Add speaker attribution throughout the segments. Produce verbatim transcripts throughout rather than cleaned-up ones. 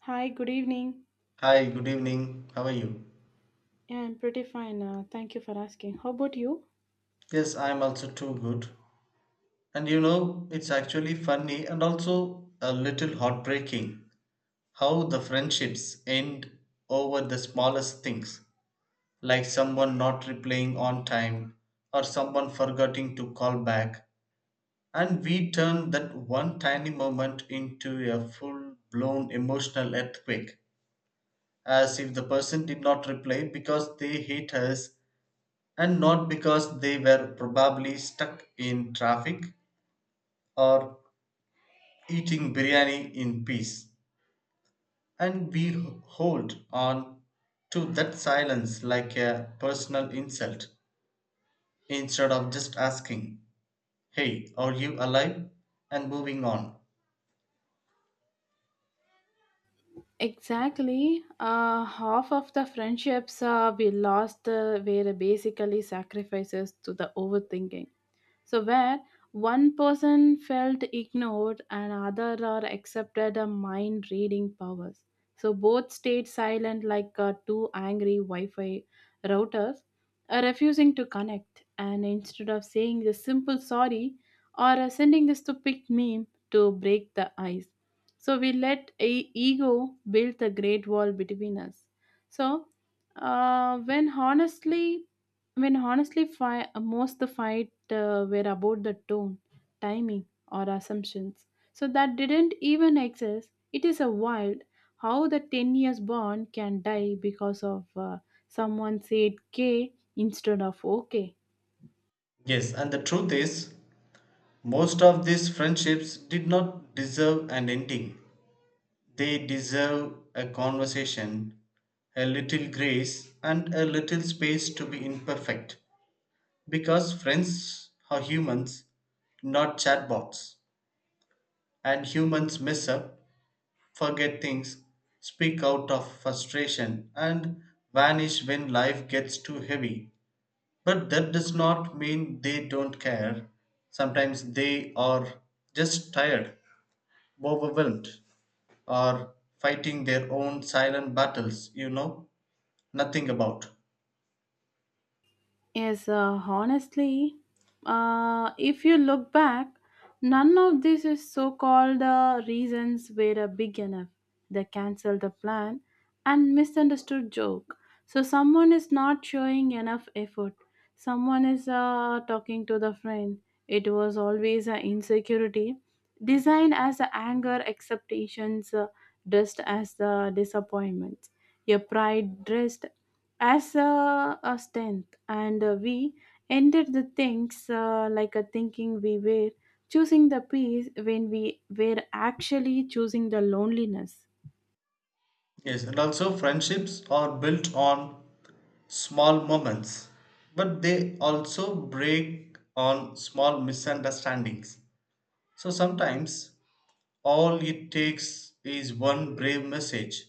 Speaker 1: Hi, good evening.
Speaker 2: Hi, good evening. How are you?
Speaker 1: Yeah, I'm pretty fine. Uh, thank you for asking. How about you?
Speaker 2: Yes, I'm also too good. And you know, it's actually funny and also a little heartbreaking how the friendships end over the smallest things, like someone not replying on time or someone forgetting to call back. And we turn that one tiny moment into a full blown emotional earthquake, as if the person did not reply because they hate us and not because they were probably stuck in traffic or eating biryani in peace. And we hold on to that silence like a personal insult instead of just asking, "Hey, are you alive?" and moving on.
Speaker 1: Exactly. Uh, half of the friendships uh, we lost uh, were basically sacrifices to the overthinking. So, where one person felt ignored and other are accepted a mind reading powers. So, both stayed silent like uh, two angry Wi Fi routers, uh, refusing to connect. And instead of saying the simple sorry or uh, sending the stupid meme to break the ice, so we let a ego build the great wall between us. So uh, when honestly, when honestly, fi- most the fight uh, were about the tone, timing, or assumptions. So that didn't even exist. It is a wild how the ten years bond can die because of uh, someone said K instead of OK.
Speaker 2: Yes, and the truth is, most of these friendships did not deserve an ending. They deserve a conversation, a little grace, and a little space to be imperfect. Because friends are humans, not chatbots. And humans mess up, forget things, speak out of frustration, and vanish when life gets too heavy. But that does not mean they don't care. Sometimes they are just tired, overwhelmed, or fighting their own silent battles you know nothing about.
Speaker 1: Yes, uh, honestly, uh, if you look back, none of these is so-called uh, reasons were uh, big enough. They canceled the plan and misunderstood joke. So someone is not showing enough effort. Someone is uh, talking to the friend. It was always an insecurity, designed as a anger, acceptations uh, dressed as the disappointments. Your pride dressed as a, a strength, and uh, we ended the things uh, like a thinking we were choosing the peace when we were actually choosing the loneliness.
Speaker 2: Yes, and also friendships are built on small moments, but they also break on small misunderstandings. So sometimes all it takes is one brave message,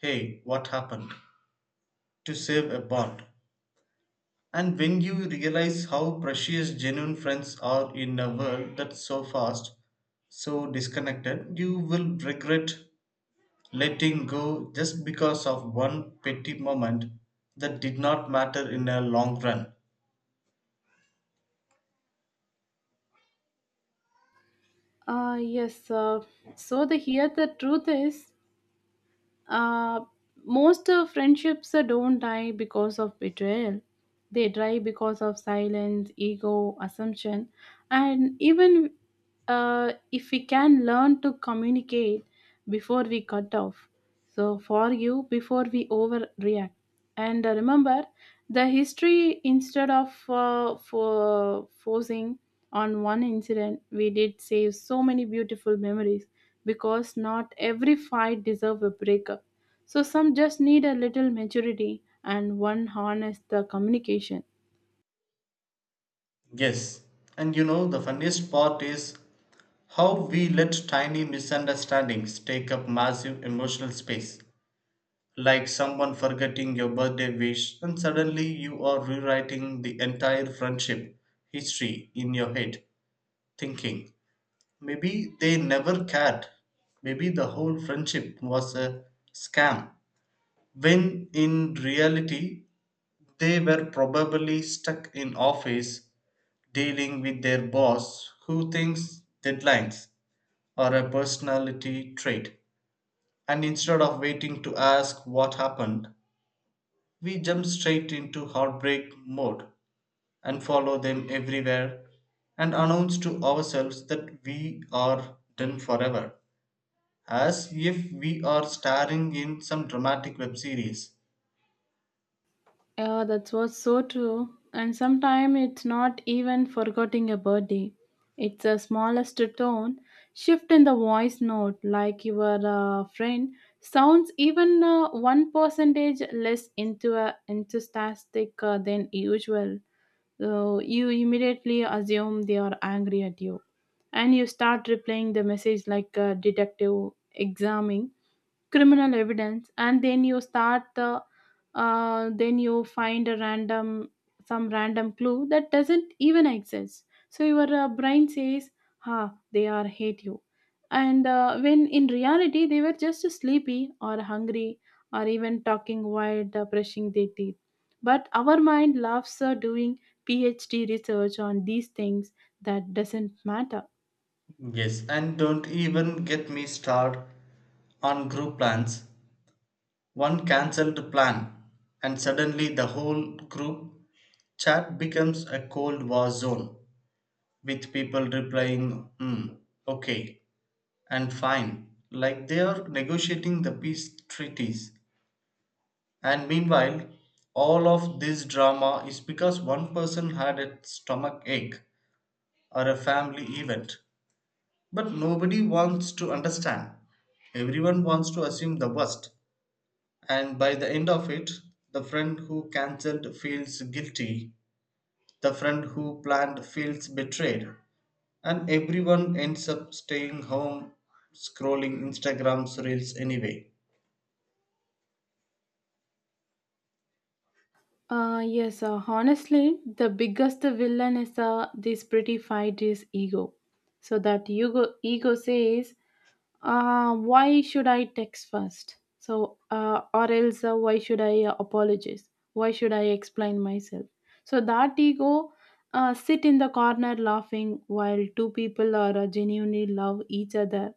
Speaker 2: hey, what happened, to save a bond. And when you realize how precious genuine friends are in a world that's so fast, so disconnected, you will regret letting go just because of one petty moment that did not matter in a long run.
Speaker 1: uh, Yes, uh, so the here the truth is. Uh, Most uh, friendships uh, don't die because of betrayal. They die because of silence, ego, assumption, and even uh, if we can learn to communicate before we cut off. So, for you, before we overreact and uh, remember the history instead of uh, for forcing on one incident, we did save so many beautiful memories, because not every fight deserve a breakup. So some just need a little maturity and one harness the communication.
Speaker 2: Yes, and you know the funniest part is how we let tiny misunderstandings take up massive emotional space. Like someone forgetting your birthday wish, and suddenly you are rewriting the entire friendship history in your head, thinking maybe they never cared, maybe the whole friendship was a scam. When in reality, they were probably stuck in office dealing with their boss who thinks deadlines are a personality trait. And instead of waiting to ask what happened, we jump straight into heartbreak mode and follow them everywhere and announce to ourselves that we are done forever, as if we are starring in some dramatic web series.
Speaker 1: Yeah, that was so true. And sometimes it's not even forgetting a birthday. It's the smallest tone shift in the voice note, like your uh, friend sounds even uh, one percentage less into a enthusiastic uh, than usual. So you immediately assume they are angry at you, and you start replaying the message like a detective examining criminal evidence. And then you start the uh, then you find a random some random clue that doesn't even exist, so your uh, brain says ha, they are hate you. And uh, when in reality they were just sleepy or hungry, or even talking while uh, brushing their teeth. But our mind loves uh, doing P H D research on these things that doesn't matter.
Speaker 2: Yes, and don't even get me started on group plans. One cancelled plan and suddenly the whole group chat becomes a cold war zone with people replying hmm, okay, and fine, like they are negotiating the peace treaties, and meanwhile all of this drama is because one person had a stomach ache or a family event, but nobody wants to understand. Everyone wants to assume the worst. And by the end of it, the friend who cancelled feels guilty, the friend who planned feels betrayed, and everyone ends up staying home scrolling Instagram's reels anyway.
Speaker 1: Uh, yes, uh, honestly, the biggest villain is uh, this pretty fight is ego. So that ego, ego says, uh, why should I text first? So, uh, or else uh, why should I uh, apologize? Why should I explain myself? So that ego uh, sit in the corner laughing while two people are uh, genuinely love each other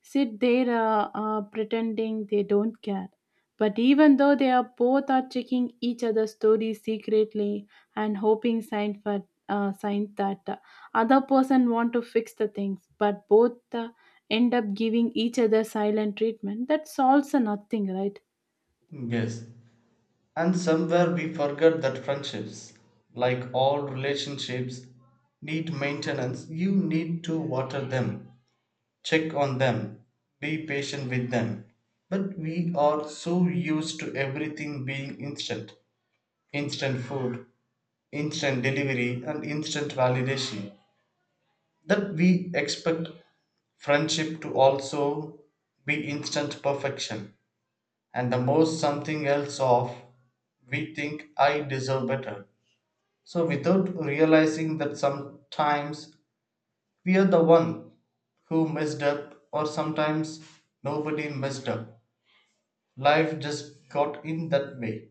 Speaker 1: sit there uh, uh, pretending they don't care. But even though they are both are checking each other's stories secretly and hoping sign for uh, signs that uh, other person want to fix the things, but both uh, end up giving each other silent treatment. That solves a nothing, right?
Speaker 2: Yes. And somewhere we forget that friendships, like all relationships, need maintenance. You need to water them, check on them, be patient with them. But we are so used to everything being instant, instant food, instant delivery, and instant validation. That we expect friendship to also be instant perfection. And the more something else off, we think I deserve better. So without realizing that sometimes we are the one who messed up, or sometimes nobody messed up. Life just got in that way.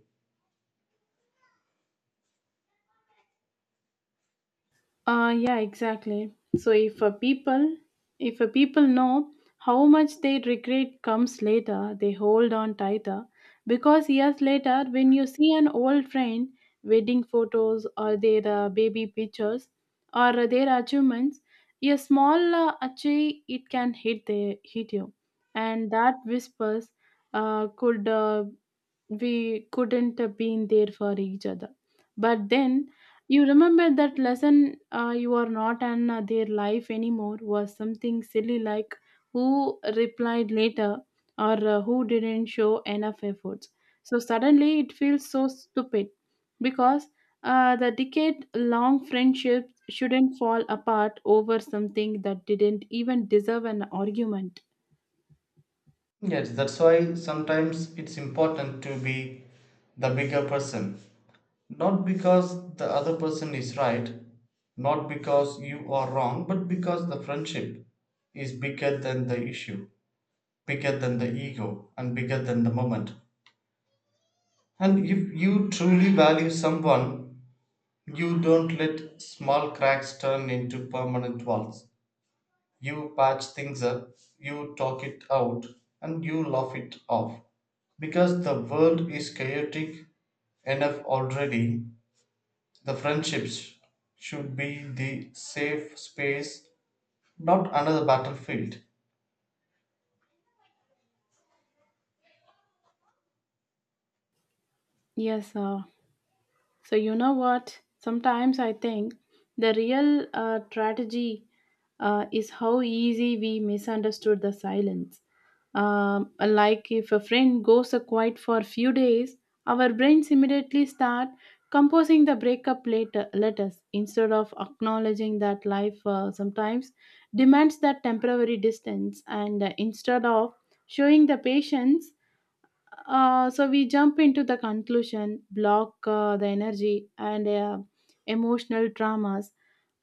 Speaker 1: Uh, yeah, exactly. So if a people if a people know how much their regret comes later, they hold on tighter. Because years later, when you see an old friend, wedding photos or their uh, baby pictures or their achievements, a small uh, achieve it can hit the hit you, and that whispers uh, could, uh, we couldn't have been there for each other. But then you remember that lesson uh, you are not in uh, their life anymore was something silly, like who replied later or uh, who didn't show enough efforts. So suddenly it feels so stupid, because uh, the decade long friendships shouldn't fall apart over something that didn't even deserve an argument.
Speaker 2: Yes, that's why sometimes it's important to be the bigger person. Not because the other person is right, not because you are wrong, but because the friendship is bigger than the issue, bigger than the ego, and bigger than the moment. And if you truly value someone, you don't let small cracks turn into permanent walls. You patch things up, you talk it out, and you laugh it off. Because the world is chaotic enough already, the friendships should be the safe space, not another battlefield.
Speaker 1: Yes, uh, so, you know what? Sometimes I think the real uh, tragedy uh, is how easy we misunderstood the silence. Um, like if a friend goes a quiet for a few days, our brains immediately start composing the breakup later letters instead of acknowledging that life uh, sometimes demands that temporary distance, and uh, instead of showing the patience, uh, so we jump into the conclusion, block uh, the energy and uh, emotional traumas,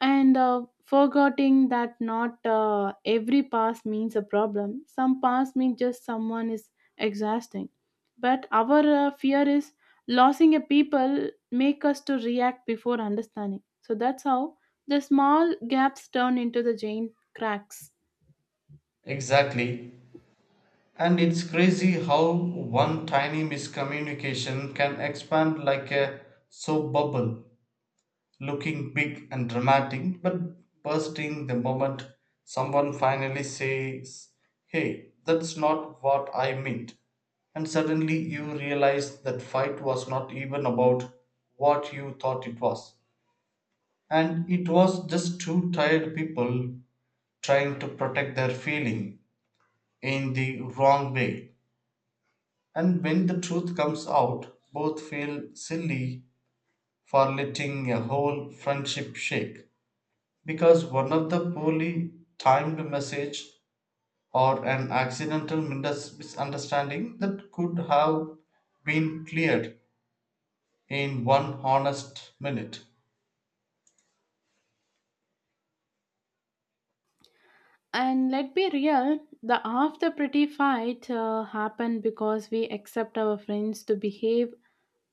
Speaker 1: and uh, forgetting that not uh, every past means a problem. Some past means just someone is exhausting, but our uh, fear is losing a people make us to react before understanding. So that's how the small gaps turn into the giant cracks.
Speaker 2: Exactly. And it's crazy how one tiny miscommunication can expand like a soap bubble, looking big and dramatic but bursting the moment someone finally says, "Hey, that's not what I meant." And suddenly you realize that fight was not even about what you thought it was. And it was just two tired people trying to protect their feeling in the wrong way. And when the truth comes out, both feel silly for letting a whole friendship shake, because one of the poorly timed message or an accidental mindes- misunderstanding that could have been cleared in one honest minute.
Speaker 1: And let be real, the half the pretty fight uh, happened because we accept our friends to behave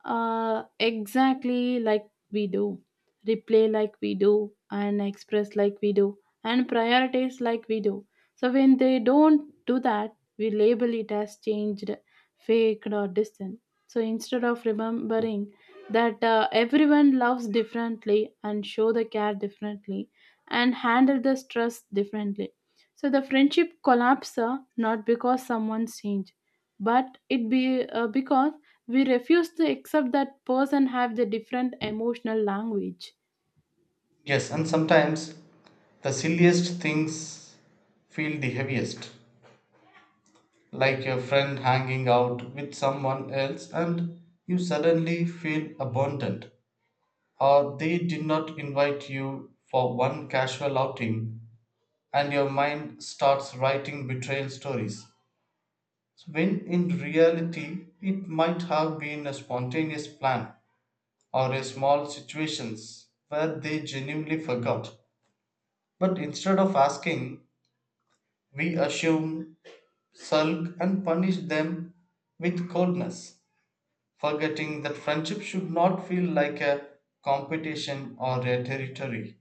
Speaker 1: uh, exactly like we do, replay like we do, and express like we do, and prioritize like we do. So when they don't do that, we label it as changed, faked, or distant. So instead of remembering that uh, everyone loves differently and show the care differently and handle the stress differently, so the friendship collapse uh, not because someone's changed, but it be uh, because we refuse to accept that person have the different emotional language.
Speaker 2: Yes, and sometimes the silliest things feel the heaviest, like a friend hanging out with someone else and you suddenly feel abandoned, or they did not invite you for one casual outing and your mind starts writing betrayal stories. When in reality, it might have been a spontaneous plan or a small situations where they genuinely forgot. But instead of asking, we assume, sulk, and punish them with coldness, forgetting that friendship should not feel like a competition or a territory.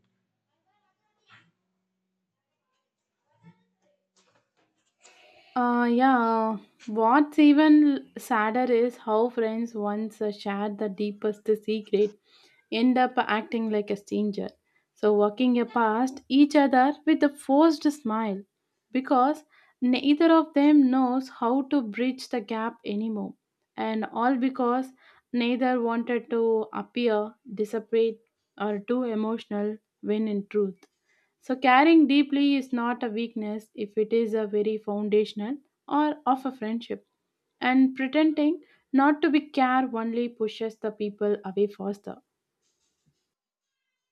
Speaker 1: Uh, yeah. What's even sadder is how friends once uh, shared the deepest secret end up acting like a stranger. So walking past each other with a forced smile because neither of them knows how to bridge the gap anymore. And all because neither wanted to appear desperate or too emotional when in truth. So caring deeply is not a weakness if it is a very foundational or of a friendship. And pretending not to be care only pushes the people away faster.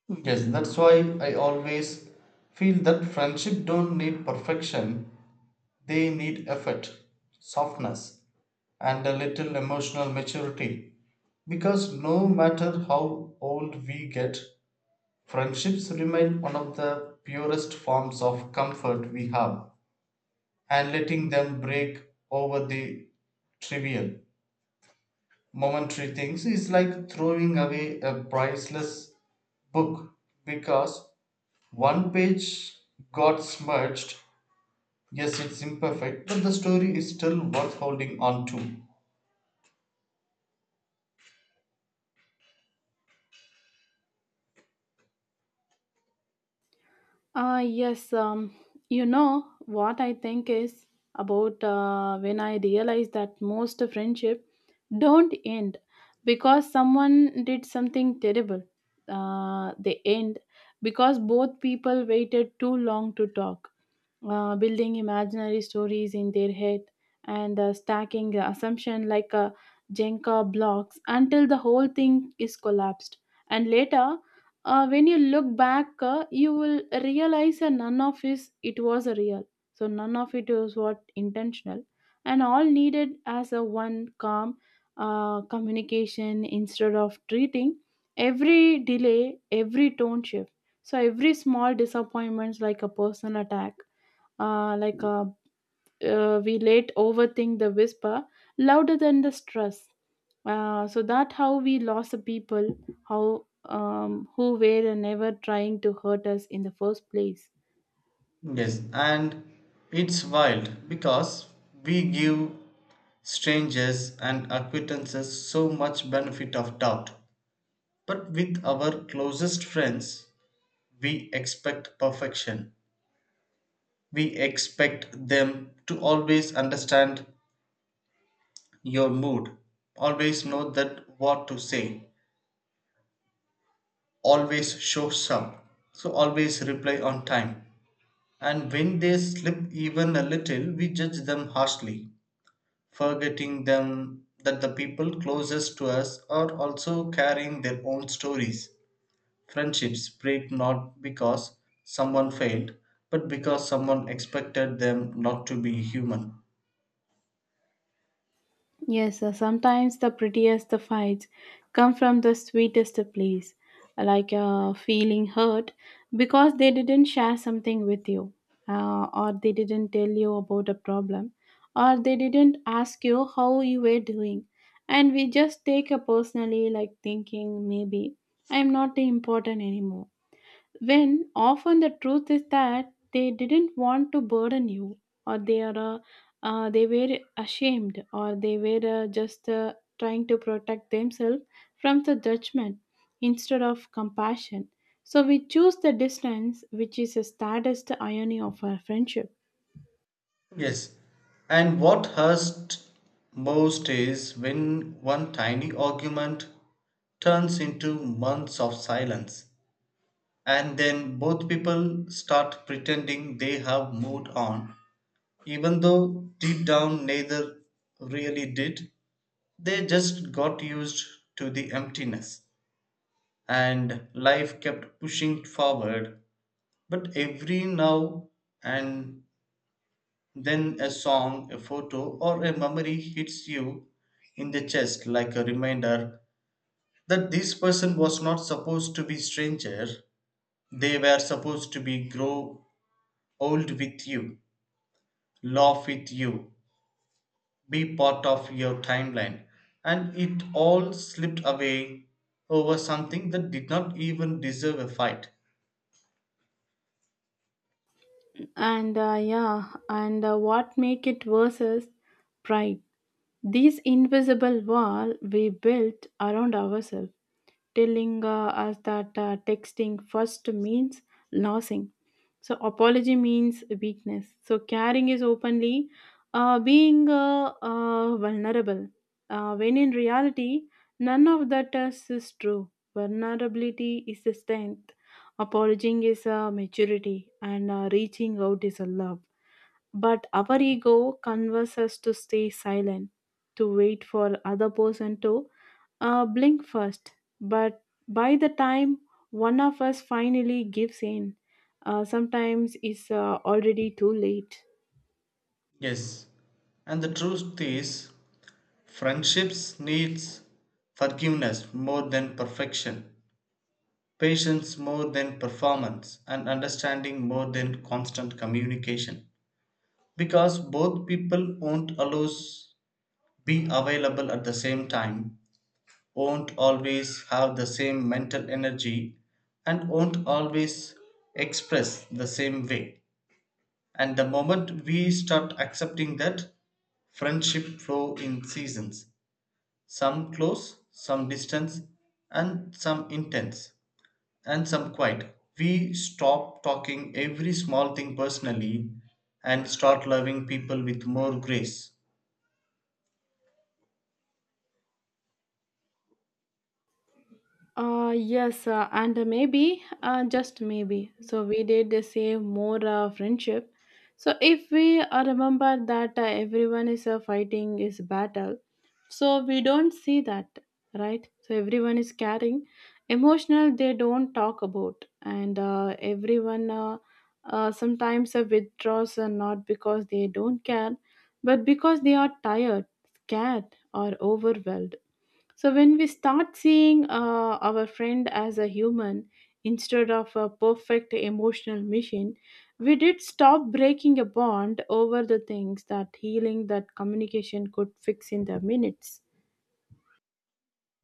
Speaker 2: Yes, that's why I always feel that friendship don't need perfection. They need effort, softness, and a little emotional maturity, because no matter how old we get, friendships remain one of the purest forms of comfort we have, and letting them break over the trivial, momentary things is like throwing away a priceless book because one page got smudged. Yes, it's imperfect, but the story is still worth holding on to.
Speaker 1: Uh, yes, um, you know what I think is about uh, when I realize that most friendship don't end because someone did something terrible. Uh, they end because both people waited too long to talk, uh, building imaginary stories in their head, and uh, stacking the assumption like uh, jenga blocks until the whole thing is collapsed. And later, uh, when you look back, uh, you will realize that none of is it was a real, so none of it was what intentional, and all needed as a one calm uh, communication instead of treating every delay, every tone shift, so every small disappointments like a personal attack, uh, like, uh, uh, we late overthink the whisper louder than the stress. Uh, so that how we lost the people, how um, who were never trying to hurt us in the first place.
Speaker 2: Yes, and it's wild because we give strangers and acquaintances so much benefit of doubt. But with our closest friends, we expect perfection. We expect them to always understand your mood, always know that what to say, always shows up, so always reply on time. And when they slip even a little, we judge them harshly, forgetting them that the people closest to us are also carrying their own stories. Friendships break not because someone failed, but because someone expected them not to be human.
Speaker 1: Yes, uh, sometimes the prettiest the fights come from the sweetest place, like uh, feeling hurt because they didn't share something with you, uh, or they didn't tell you about a problem, or they didn't ask you how you were doing. And we just take it personally, like thinking maybe I'm not important anymore, when often the truth is that they didn't want to burden you, or they are uh, uh, they were ashamed, or they were uh, just uh, trying to protect themselves from the judgment instead of compassion, so we choose the distance, which is the saddest irony of our friendship.
Speaker 2: Yes. And what hurts most is when one tiny argument turns into months of silence, and then both people start pretending they have moved on. Even though deep down neither really did, they just got used to the emptiness and life kept pushing forward. But every now and then a song, a photo, or a memory hits you in the chest like a reminder that this person was not supposed to be stranger. They were supposed to be grow old with you, laugh with you, be part of your timeline, and it all slipped away over something that did not even deserve a fight.
Speaker 1: And uh, yeah, and uh, what make it worse is pride. This invisible wall we built around ourselves, telling uh, us that uh, texting first means losing. So apology means weakness. So caring is openly uh, being uh, uh, vulnerable. Uh, when in reality, none of that is, is true. Vulnerability is a strength. Apologizing is a maturity, and uh, reaching out is a love. But our ego converses us to stay silent, to wait for other person to uh, blink first. But by the time one of us finally gives in, uh, sometimes it's uh, already too late.
Speaker 2: Yes, and the truth is friendships needs forgiveness more than perfection, patience more than performance, and understanding more than constant communication, because both people won't always be available at the same time, won't always have the same mental energy, and won't always express the same way. And the moment we start accepting that, friendship flow in seasons, some close, some distance, and some intense, and some quiet. We stop talking every small thing personally and start loving people with more grace.
Speaker 1: Uh, yes, uh, and maybe, uh, just maybe. So we did uh, save more uh, friendship. So if we uh, remember that uh, everyone is uh, fighting is battle, so we don't see that, right? So everyone is carrying emotional. They don't talk about, and uh, everyone uh, uh, sometimes uh, withdraws uh, not because they don't care, but because they are tired, scared, or overwhelmed. So when we start seeing uh, our friend as a human instead of a perfect emotional machine, we did stop breaking a bond over the things that healing that communication could fix in the minutes.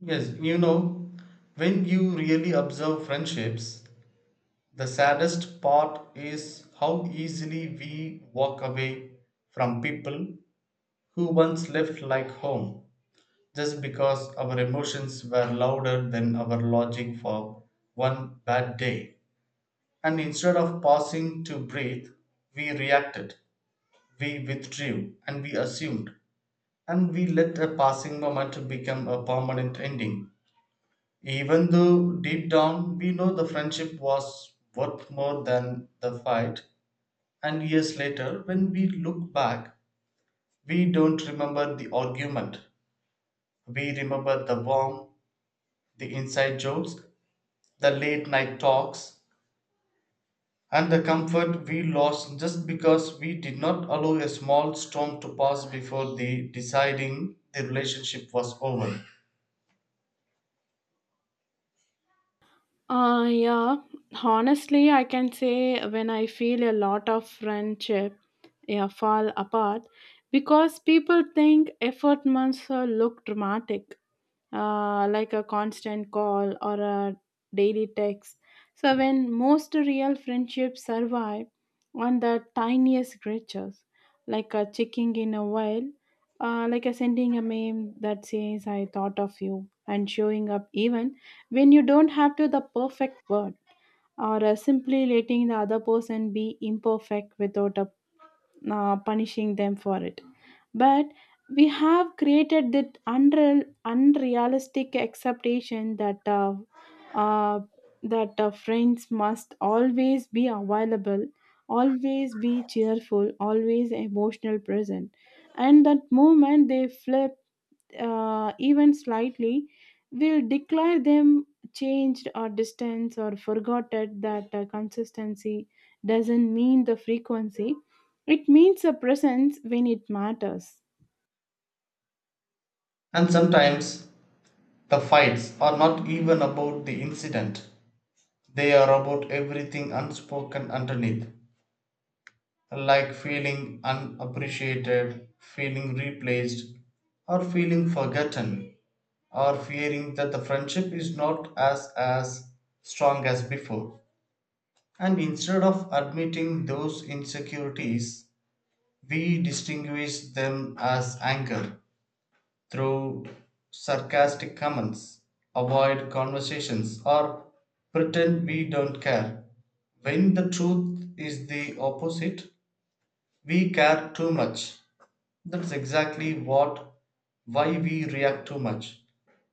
Speaker 2: Yes, you know, when you really observe friendships, the saddest part is how easily we walk away from people who once left like home just because our emotions were louder than our logic for one bad day. And instead of pausing to breathe, we reacted, we withdrew, and we assumed, and we let a passing moment become a permanent ending. Even though deep down we know the friendship was worth more than the fight. And years later, when we look back, we don't remember the argument. We remember the warmth, the inside jokes, the late night talks, and the comfort we lost just because we did not allow a small storm to pass before the deciding the relationship was over.
Speaker 1: Uh, yeah, honestly, I can say when I feel a lot of friendship, yeah, fall apart because people think effort must uh, look dramatic, uh, like a constant call or a daily text. So, when most real friendships survive on the tiniest gestures, like a checking in a while, uh, like a sending a meme that says, I thought of you, and showing up even when you don't have to the perfect word, or uh, simply letting the other person be imperfect without uh, uh, punishing them for it. But we have created that unreal, unrealistic expectation that uh, uh, that uh, friends must always be available, always be cheerful, always emotional present, and that moment they flip, uh, even slightly, will declare them changed or distanced or forgotten, that uh, consistency doesn't mean the frequency. It means the presence when it matters.
Speaker 2: And sometimes the fights are not even about the incident, they are about everything unspoken underneath. Like feeling unappreciated, feeling replaced, or feeling forgotten, or fearing that the friendship is not as as strong as before. And instead of admitting those insecurities, we distinguish them as anger through sarcastic comments, avoid conversations, or pretend we don't care. When the truth is the opposite, we care too much. That's exactly what why we react too much.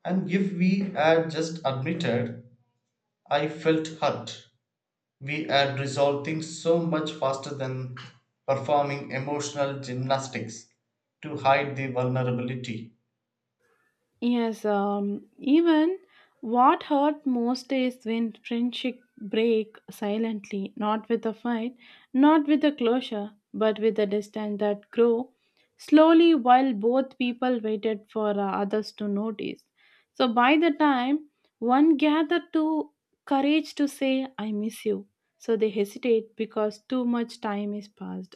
Speaker 2: And if we had just admitted, I felt hurt, we had resolved things so much faster than performing emotional gymnastics to hide the vulnerability.
Speaker 1: Yes, um, even what hurt most is when friendship break silently, not with a fight, not with a closure, but with a distance that grow slowly while both people waited for uh, others to notice. So by the time one gathered to courage to say, I miss you. So they hesitate because too much time is passed.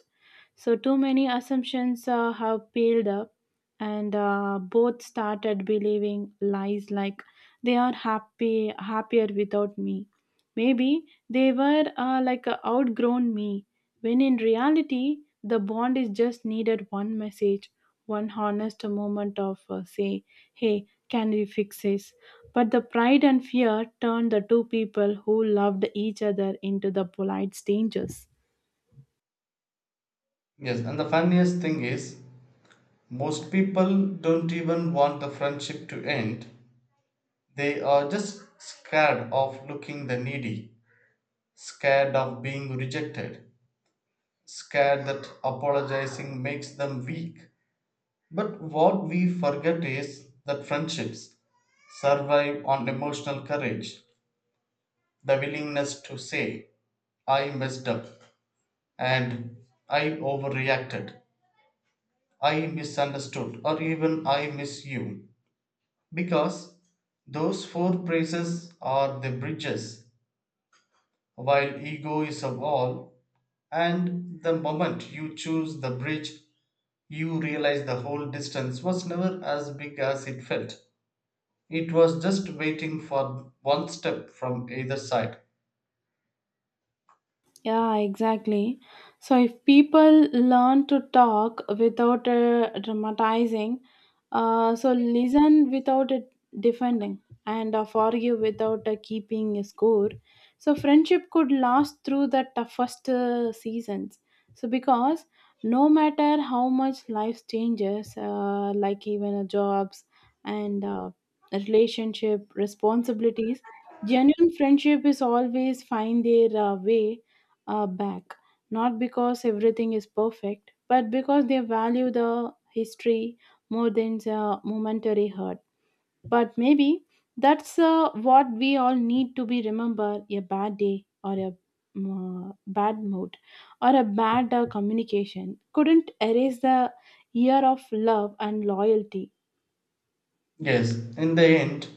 Speaker 1: So too many assumptions uh, have piled up, and uh, both started believing lies like they are happy happier without me. Maybe they were uh, like uh, outgrown me, when in reality the bond is just needed one message, one honest moment of uh, say, hey, can we fix this. But the pride and fear turned the two people who loved each other into the polite strangers.
Speaker 2: Yes, and the funniest thing is, most people don't even want the friendship to end. They are just scared of looking the needy, scared of being rejected, scared that apologizing makes them weak. But what we forget is that friendships survive on emotional courage, the willingness to say, I messed up, and I overreacted, I misunderstood, or even I miss you. Because those four phrases are the bridges, while ego is a wall, and the moment you choose the bridge, you realize the whole distance was never as big as it felt. It was just waiting for one step from either side.
Speaker 1: Yeah, exactly. So if people learn to talk without uh, dramatizing, uh, so listen without uh, defending, and uh, forgive without uh, keeping a score, so friendship could last through the toughest uh, seasons. So because no matter how much life changes, uh, like even uh, jobs and uh, relationship responsibilities, genuine friendship is always find their uh, way uh, back. Not because everything is perfect, but because they value the history more than the momentary hurt. But maybe that's uh, what we all need to be remember: a bad day or a mm, uh, bad mood or a bad uh, communication couldn't erase the year of love and loyalty.
Speaker 2: Yes, in the end,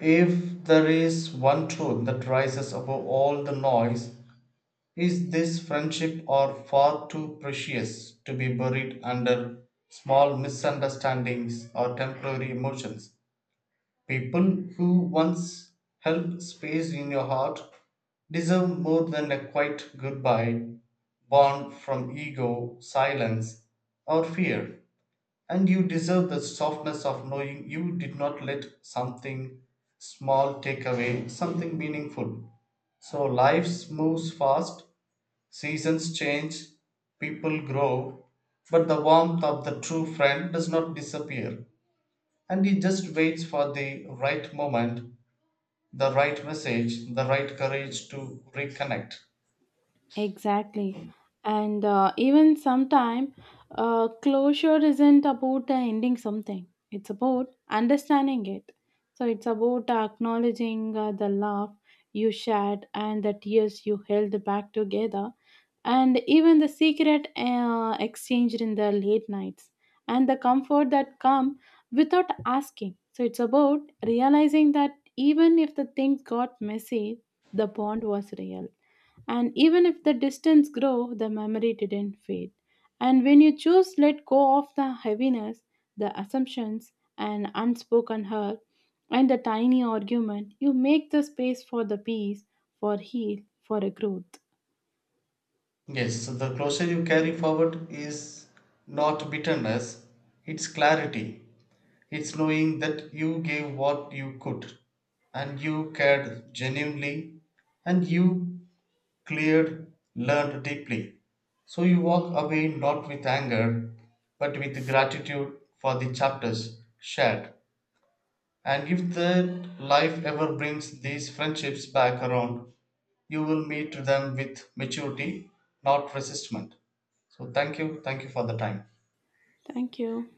Speaker 2: if there is one truth that rises above all the noise, is this friendship or far too precious to be buried under small misunderstandings or temporary emotions? People who once held space in your heart deserve more than a quiet goodbye born from ego, silence, or fear. And you deserve the softness of knowing you did not let something small take away something meaningful. So life moves fast, seasons change, people grow, but the warmth of the true friend does not disappear, and he just waits for the right moment, the right message, the right courage to reconnect.
Speaker 1: Exactly. And uh, even sometime, uh, closure isn't about the ending something. It's about understanding it. So it's about acknowledging uh, the love you shared and the tears you held back together, and even the secret uh, exchanged in the late nights, and the comfort that come without asking. So it's about realizing that even if the things got messy, the bond was real. And even if the distance grew, the memory didn't fade. And when you choose let go of the heaviness, the assumptions, and unspoken hurt, and the tiny argument, you make the space for the peace, for heal, for a growth.
Speaker 2: Yes, so the closure you carry forward is not bitterness, it's clarity. It's knowing that you gave what you could and you cared genuinely and you cleared, learned deeply. So you walk away not with anger but with gratitude for the chapters shared. And if the life ever brings these friendships back around, you will meet them with maturity, not resistment. So thank you. Thank you for the time.
Speaker 1: Thank you.